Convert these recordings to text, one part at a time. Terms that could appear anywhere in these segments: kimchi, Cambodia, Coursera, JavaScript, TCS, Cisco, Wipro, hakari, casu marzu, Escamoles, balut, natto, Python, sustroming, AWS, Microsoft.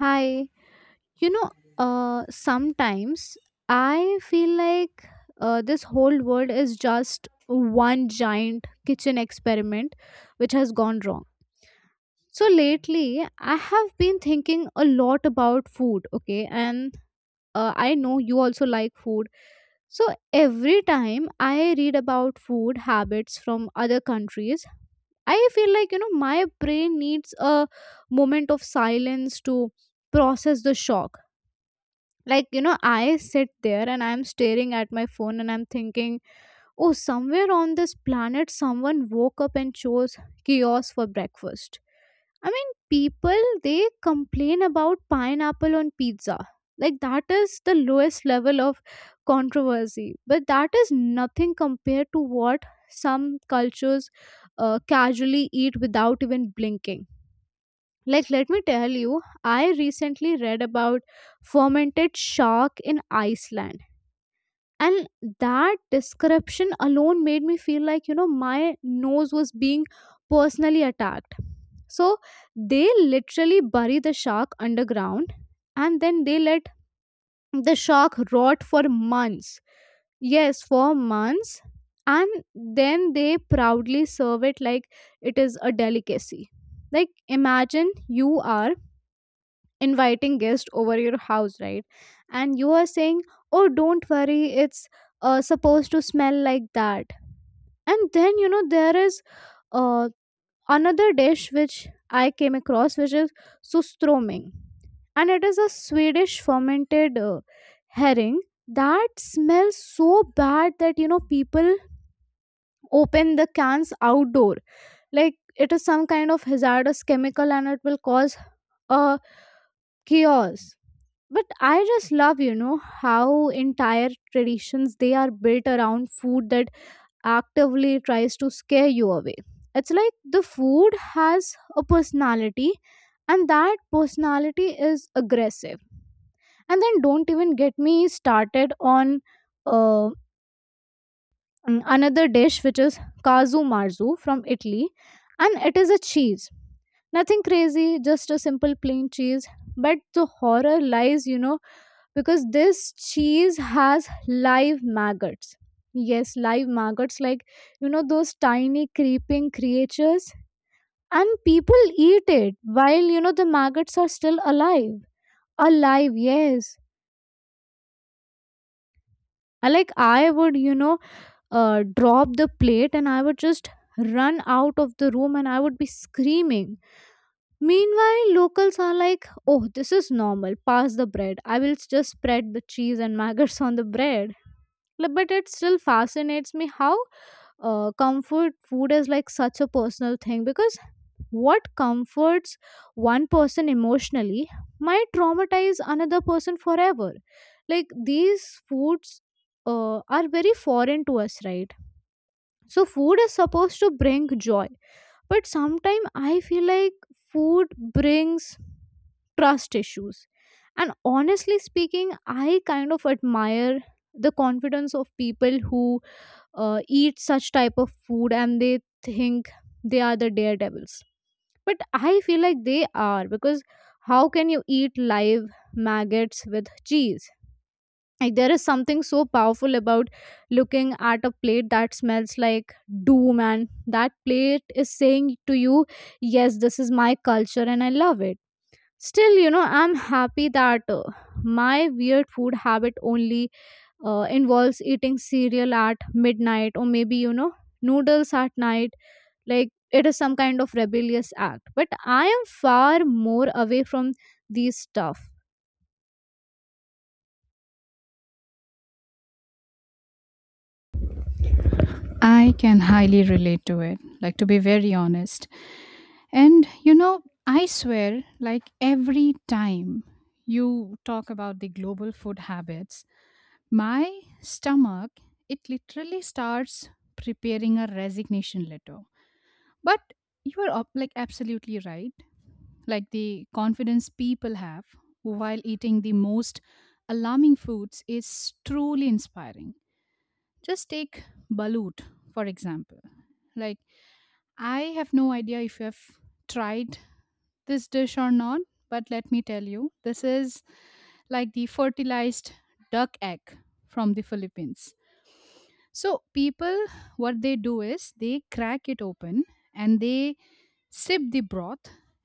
Hi. You know, sometimes I feel like this whole world is just one giant kitchen experiment which has gone wrong. So lately, I have been thinking a lot about food, okay? And I know you also like food. So every time I read about food habits from other countries, I feel like, my brain needs a moment of silence to process the shock like, I sit there and I'm staring at my phone and I'm thinking, oh, somewhere on this planet, someone woke up and chose chaos for breakfast. I mean, people, they complain about pineapple on pizza. Like, that is the lowest level of controversy. But that is nothing compared to what some cultures casually eat without even blinking. Like, let me tell you, I recently read about fermented shark in Iceland. And that description alone made me feel like, my nose was being personally attacked. So they literally bury the shark underground and then they let the shark rot for months. Yes, for months. And then they proudly serve it like it is a delicacy. Like, imagine you are inviting guests over your house, right? And you are saying, oh, don't worry, it's supposed to smell like that. And then you know there is uh, another dish which I came across, which is sustroming, and it is a Swedish fermented herring that smells so bad that people open the cans outdoor like it is some kind of hazardous chemical and it will cause a chaos. But I just love how entire traditions they are built around food that actively tries to scare you away. It's like the food has a personality, and that personality is aggressive. And then don't even get me started on uh, another dish, which is casu marzu from Italy, and it is a cheese. Nothing crazy, just a simple plain cheese. But the horror lies, because this cheese has live maggots. Yes, live maggots, like, those tiny creeping creatures. And people eat it while, the maggots are still alive. Alive, yes. Like, I would, drop the plate and I would just run out of the room and I would be screaming. Meanwhile, locals are like, oh, this is normal. Pass the bread. I will just spread the cheese and maggots on the bread. Like, but it still fascinates me how comfort food is like such a personal thing, because what comforts one person emotionally might traumatize another person forever. Like these foods are very foreign to us, right? So food is supposed to bring joy, but sometimes I feel like food brings trust issues. And honestly speaking, I kind of admire the confidence of people who eat such type of food and they think they are the daredevils. But I feel like they are, because how can you eat live maggots with cheese? Like there is something so powerful about looking at a plate that smells like doom, and that plate is saying to you, yes, this is my culture and I love it. Still, I'm happy that my weird food habit only involves eating cereal at midnight, or maybe noodles at night, like it is some kind of rebellious act. But I am far more away from these stuff. I can highly relate to it, like to be very honest. And you know, I swear, like every time you talk about the global food habits, my stomach, it literally starts preparing a resignation letter. But you are like absolutely right. Like the confidence people have while eating the most alarming foods is truly inspiring. Just take balut, for example. Like I have no idea if you have tried this dish or not, but let me tell you, this is like the fertilized duck egg from the Philippines. So people, what they do is they crack it open and they sip the broth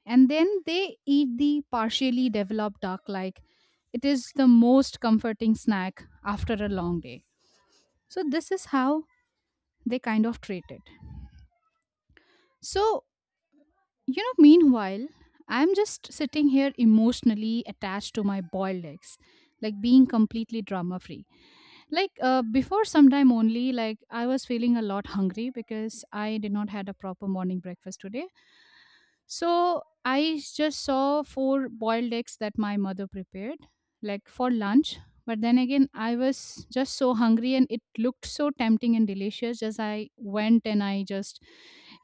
and then they eat the partially developed duck like it is the most comforting snack after a long day. So this is how they kind of treat it. So, you know, meanwhile, I'm just sitting here emotionally attached to my boiled eggs, like being completely drama free. Like before some time only, like I was feeling a lot hungry because I did not had a proper morning breakfast today. So I just saw four boiled eggs that my mother prepared, like for lunch. But then again, I was just so hungry and it looked so tempting and delicious as I went and I just,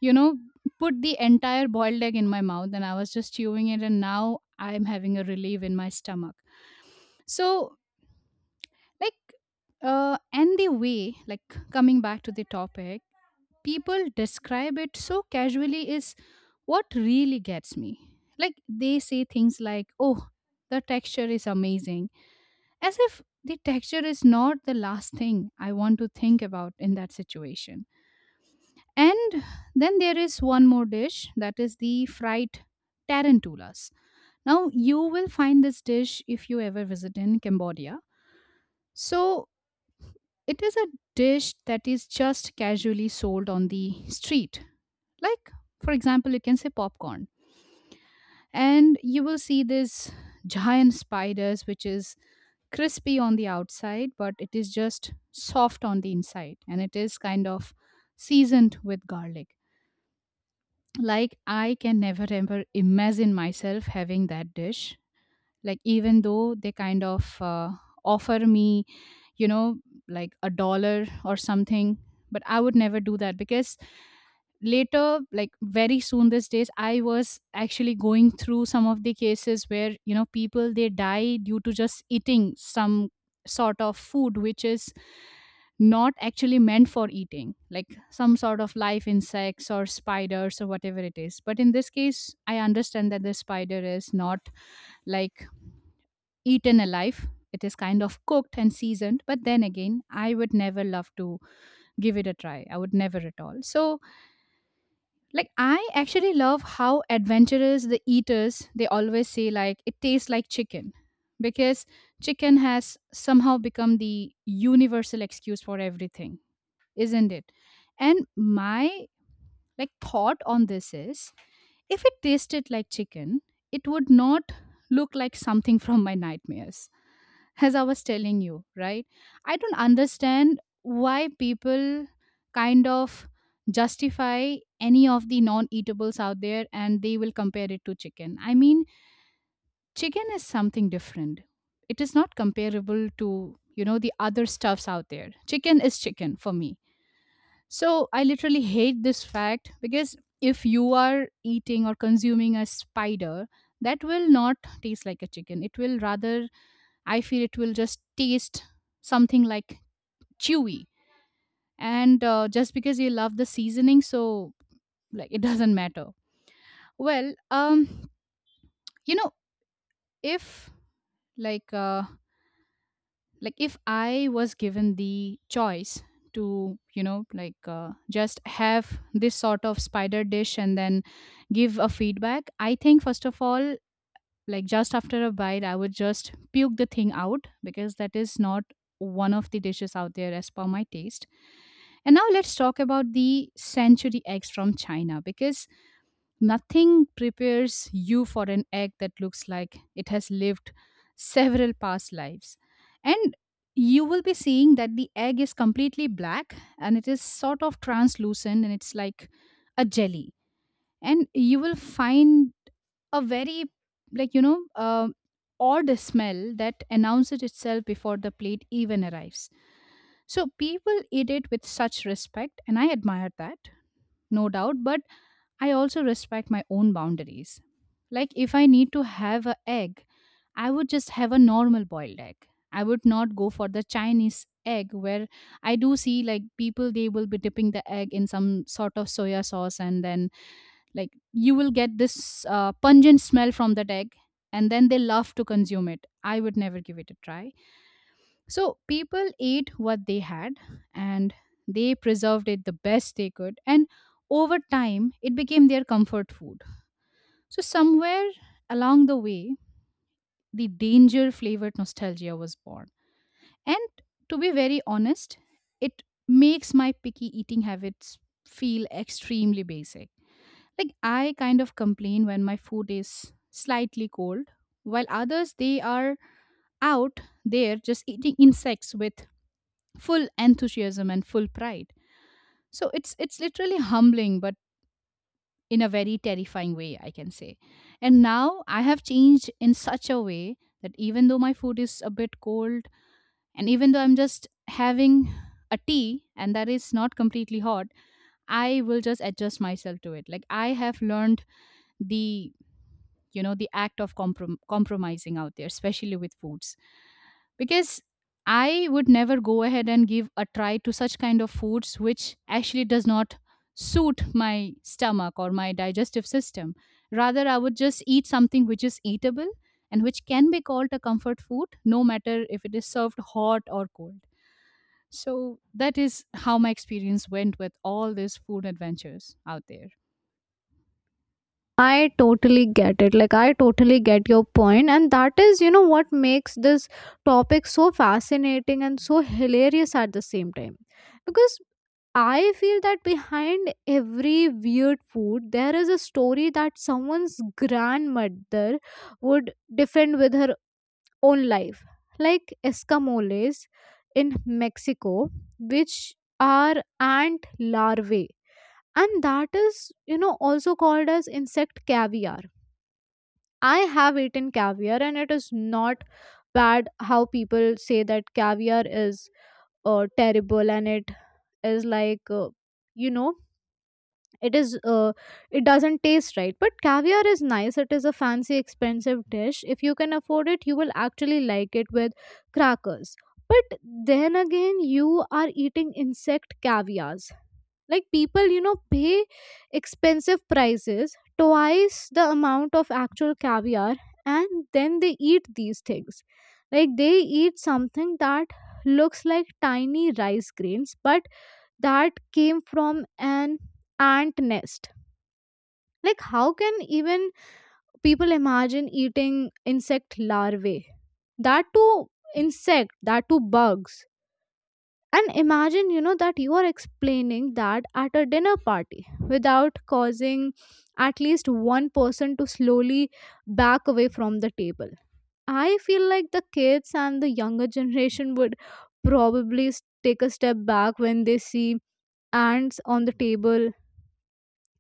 you know, put the entire boiled egg in my mouth and I was just chewing it and now I'm having a relief in my stomach. So, like, and the way, like, coming back to the topic, people describe it so casually is what really gets me. Like, they say things like, oh, the texture is amazing, as if the texture is not the last thing I want to think about in that situation. And then there is one more dish that is the fried tarantulas. Now, you will find this dish if you ever visit in Cambodia. So it is a dish that is just casually sold on the street. Like, for example, you can say popcorn. And you will see this giant spiders, which is crispy on the outside, but it is just soft on the inside. And it is kind of seasoned with garlic. Like, I can never ever imagine myself having that dish. Like, even though they kind of offer me, you know, like a dollar or something, but I would never do that because later, like very soon these days, I was actually going through some of the cases where, you know, people they die due to just eating some sort of food which is not actually meant for eating, like some sort of live insects or spiders or whatever it is. But in this case I understand that the spider is not like eaten alive, it is kind of cooked and seasoned. But then again, I would never love to give it a try. I would never at all. So like, I actually love how adventurous the eaters, they always say like it tastes like chicken because chicken has somehow become the universal excuse for everything, isn't it? And my like thought on this is, if it tasted like chicken, it would not look like something from my nightmares as I was telling you, right? I don't understand why people kind of justify any of the non eatables out there and they will compare it to chicken. I mean, chicken is something different. It is not comparable to, you know, the other stuffs out there. Chicken is chicken for me. So I literally hate this fact, because if you are eating or consuming a spider, that will not taste like a chicken. It will rather, I feel it will just taste something like chewy. And just because you love the seasoning, so like it doesn't matter. Well, you know, if like like if I was given the choice to, you know, like just have this sort of spider dish and then give a feedback, I think first of all, like just after a bite I would just puke the thing out because that is not one of the dishes out there as per my taste. And now let's talk about the century eggs from China because nothing prepares you for an egg that looks like it has lived several past lives. And you will be seeing that the egg is completely black and it is sort of translucent and it's like a jelly. And you will find a very, like, you know, odd smell that announces itself before the plate even arrives. So people eat it with such respect and I admire that, no doubt, but I also respect my own boundaries. Like if I need to have an egg, I would just have a normal boiled egg. I would not go for the Chinese egg where I do see like people they will be dipping the egg in some sort of soya sauce, and then like you will get this pungent smell from that egg and then they love to consume it. I would never give it a try. So people ate what they had and they preserved it the best they could, and over time it became their comfort food. So somewhere along the way the danger flavored nostalgia was born. And to be very honest, it makes my picky eating habits feel extremely basic. Like I kind of complain when my food is slightly cold, while others they are out there just eating insects with full enthusiasm and full pride. So it's literally humbling, but in a very terrifying way, I can say. And now I have changed in such a way that even though my food is a bit cold and even though I'm just having a tea and that is not completely hot, I will just adjust myself to it. Like I have learned the, you know, the act of compromising out there, especially with foods, because I would never go ahead and give a try to such kind of foods which actually does not suit my stomach or my digestive system. Rather I would just eat something which is eatable and which can be called a comfort food, no matter if it is served hot or cold. So that is how my experience went with all these food adventures out there. I totally get it. Like, I totally get your point. And that is, what makes this topic so fascinating and so hilarious at the same time. Because I feel that behind every weird food, there is a story that someone's grandmother would defend with her own life. Like Escamoles in Mexico, which are ant larvae. And that is, also called as insect caviar. I have eaten caviar, and it is not bad how people say that caviar is terrible and it is like, you know, it is it doesn't taste right. But caviar is nice. It is a fancy expensive dish. If you can afford it, you will actually like it with crackers. But then again, you are eating insect caviars. Like people pay expensive prices, twice the amount of actual caviar, and then they eat these things. Like they eat something that looks like tiny rice grains, but that came from an ant nest. Like how can even people imagine eating insect larvae, that too insect, that too bugs. And imagine that you are explaining that at a dinner party without causing at least one person to slowly back away from the table. I feel like the kids and the younger generation would probably take a step back when they see ants on the table.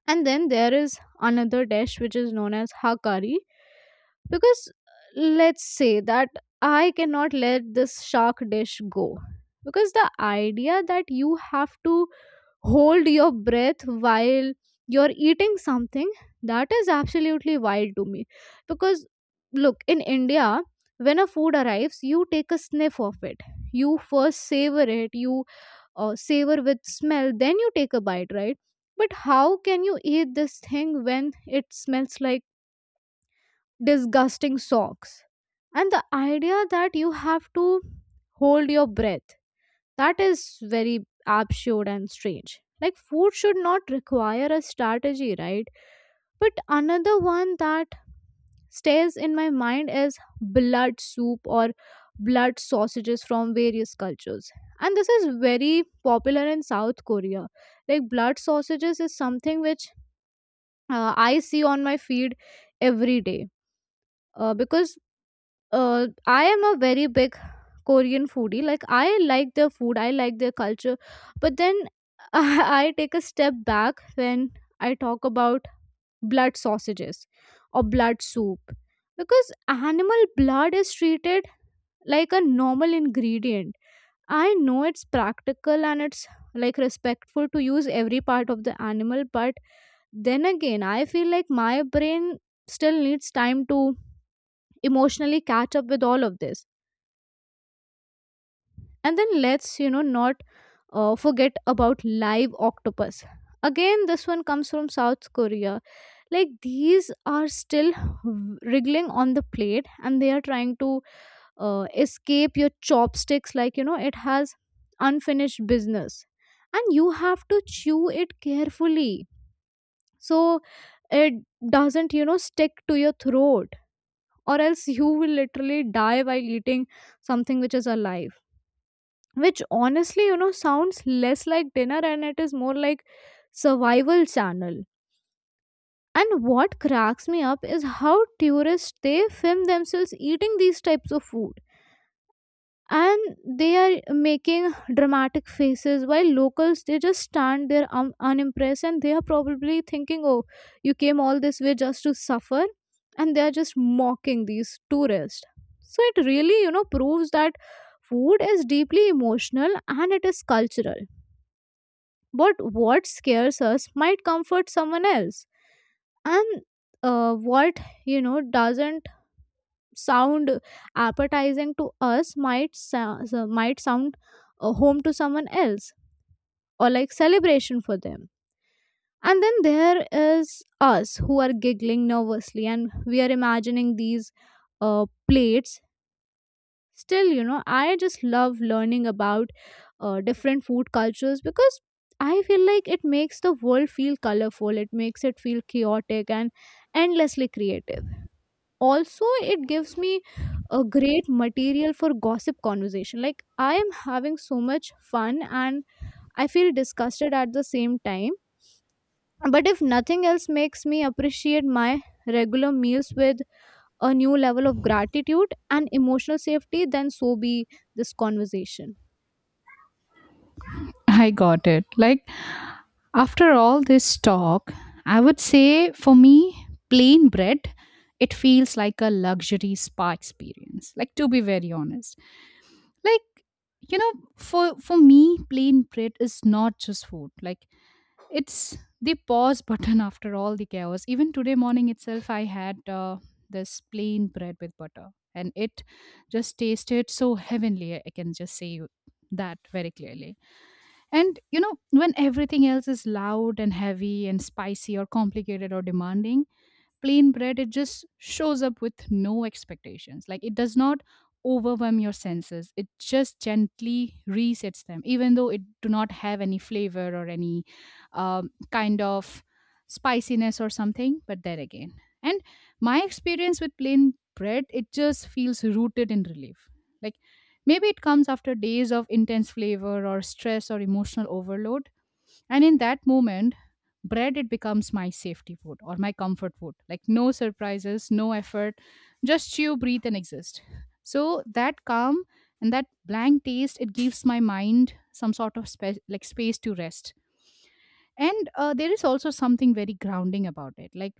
And then there is another dish which is known as hakari. Because let's say that I cannot let this shark dish go, because the idea that you have to hold your breath while you're eating something, that is absolutely wild to me. Because look, in India, when a food arrives, you take a sniff of it, you first savor it, you savor with smell, then you take a bite, right? But how can you eat this thing when it smells like disgusting socks? And the idea that you have to hold your breath, that is very absurd and strange. Like food should not require a strategy, right? But another one that stays in my mind as blood soup or blood sausages from various cultures, and this is very popular in South Korea. Like blood sausages is something which I see on my feed every day, because I am a very big Korean foodie. Like I like their food, I like their culture, but then I take a step back when I talk about blood sausages or blood soup, because animal blood is treated like a normal ingredient. I know it's practical, and it's like respectful to use every part of the animal. But then again, I feel like my brain still needs time to emotionally catch up with all of this. And then let's not forget about live octopus. Again, this one comes from South Korea. Like these are still wriggling on the plate, and they are trying to escape your chopsticks, like it has unfinished business. And you have to chew it carefully so it doesn't stick to your throat, or else you will literally die while eating something which is alive, which honestly sounds less like dinner and it is more like survival channel. And what cracks me up is how tourists they film themselves eating these types of food, and they are making dramatic faces, while locals they just stand there unimpressed, and they are probably thinking, oh, you came all this way just to suffer. And they are just mocking these tourists. So it really proves that food is deeply emotional and it is cultural, but what scares us might comfort someone else. And what, doesn't sound appetizing to us might, might sound a home to someone else, or like celebration for them. And then there is us who are giggling nervously and we are imagining these plates. Still, I just love learning about different food cultures, because I feel like it makes the world feel colorful, it makes it feel chaotic and endlessly creative. Also, it gives me a great material for gossip conversation. Like, I am having so much fun and I feel disgusted at the same time. But if nothing else makes me appreciate my regular meals with a new level of gratitude and emotional safety, then so be this conversation. I got it. Like, after all this talk, I would say for me, plain bread, it feels like a luxury spa experience. Like, to be very honest, like, you know, for me, plain bread is not just food. Like, it's the pause button after all the chaos. Even today morning itself, I had this plain bread with butter, and it just tasted so heavenly. I can just say that very clearly. And you know, when everything else is loud and heavy and spicy or complicated or demanding, plain bread it just shows up with no expectations. Like it does not overwhelm your senses, it just gently resets them, even though it do not have any flavor or any kind of spiciness or something. But there again, and my experience with plain bread, it just feels rooted in relief. Like maybe it comes after days of intense flavor or stress or emotional overload, and in that moment, bread it becomes my safety food or my comfort food. Like no surprises, no effort, just chew, breathe, and exist. So that calm and that blank taste, it gives my mind some sort of space, like space to rest. And there is also something very grounding about it. Like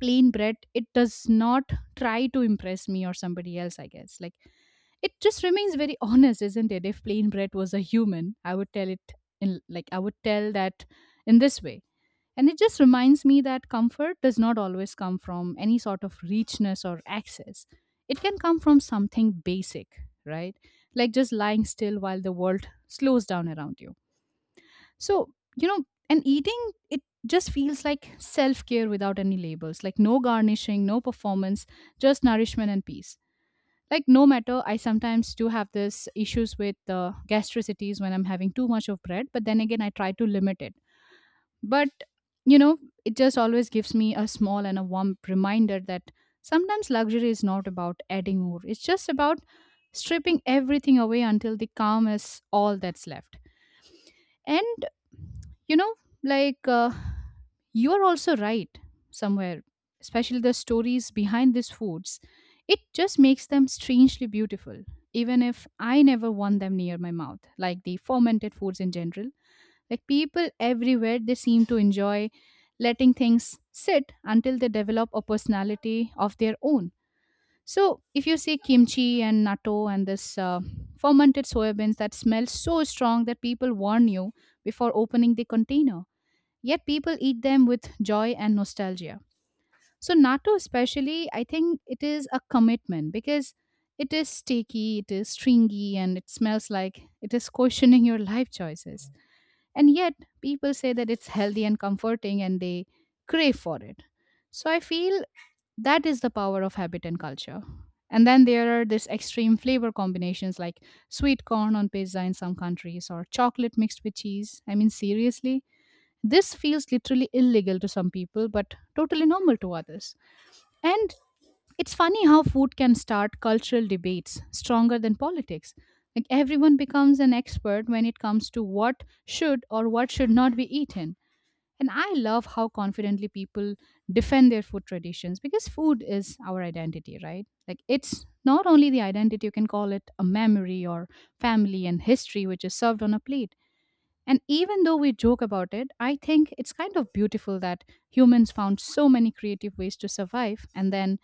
plain bread, it does not try to impress me or somebody else. I guess like it just remains very honest, isn't it? If plain bread was a human, I would tell it in, like I would tell that in this way, and it just reminds me that comfort does not always come from any sort of richness or access. It can come from something basic, right? Like just lying still while the world slows down around you. So, you know, and eating, it just feels like self care without any labels, like no garnishing, no performance, just nourishment and peace. Like, no matter, I sometimes do have this issues with gastricities when I'm having too much of bread, but then again, I try to limit it. But, you know, it just always gives me a small and a warm reminder that sometimes luxury is not about adding more, it's just about stripping everything away until the calm is all that's left. And, you know, like, you are also right somewhere, especially the stories behind these foods. It just makes them strangely beautiful, even if I never want them near my mouth. Like the fermented foods in general, like people everywhere, they seem to enjoy letting things sit until they develop a personality of their own. So if you see kimchi and natto and this fermented soybeans that smell so strong that people warn you before opening the container, yet people eat them with joy and nostalgia. So natto, especially, I think it is a commitment because it is sticky, it is stringy, and it smells like it is questioning your life choices. And yet, people say that it's healthy and comforting, and they crave for it. So I feel that is the power of habit and culture. And then there are these extreme flavor combinations like sweet corn on pizza in some countries or chocolate mixed with cheese. I mean, seriously, this feels literally illegal to some people, but totally normal to others. And it's funny how food can start cultural debates stronger than politics. Like everyone becomes an expert when it comes to what should or what should not be eaten. And I love how confidently people defend their food traditions, because food is our identity, right? Like it's not only the identity, you can call it a memory or family and history which is served on a plate. And even though we joke about it, I think it's kind of beautiful that humans found so many creative ways to survive and then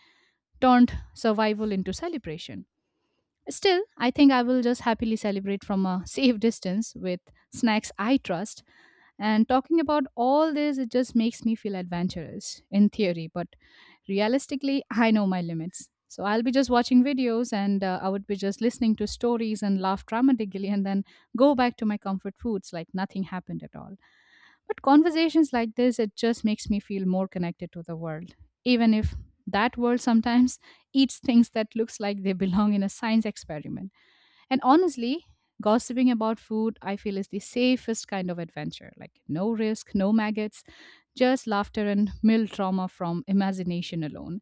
turned survival into celebration. Still, I think I will just happily celebrate from a safe distance with snacks I trust. And talking about all this, it just makes me feel adventurous in theory, but realistically, I know my limits. So I'll be just watching videos and I would be just listening to stories and laugh dramatically and then go back to my comfort foods like nothing happened at all. But conversations like this, it just makes me feel more connected to the world, even if that world sometimes eats things that looks like they belong in a science experiment. And honestly, gossiping about food I feel is the safest kind of adventure. Like no risk, no maggots, just laughter and mild trauma from imagination alone.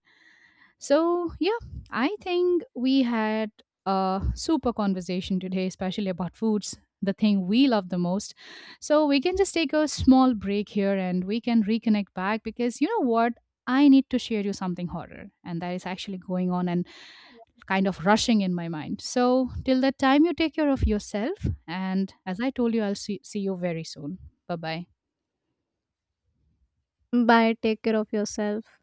So, yeah, I think we had a super conversation today, especially about foods, the thing we love the most. So we can just take a small break here and we can reconnect back because you know what? I need to share you something horror, and that is actually going on, and kind of rushing in my mind. So till that time, you take care of yourself. And as I told you, I'll see you very soon. Bye bye. Bye. Take care of yourself.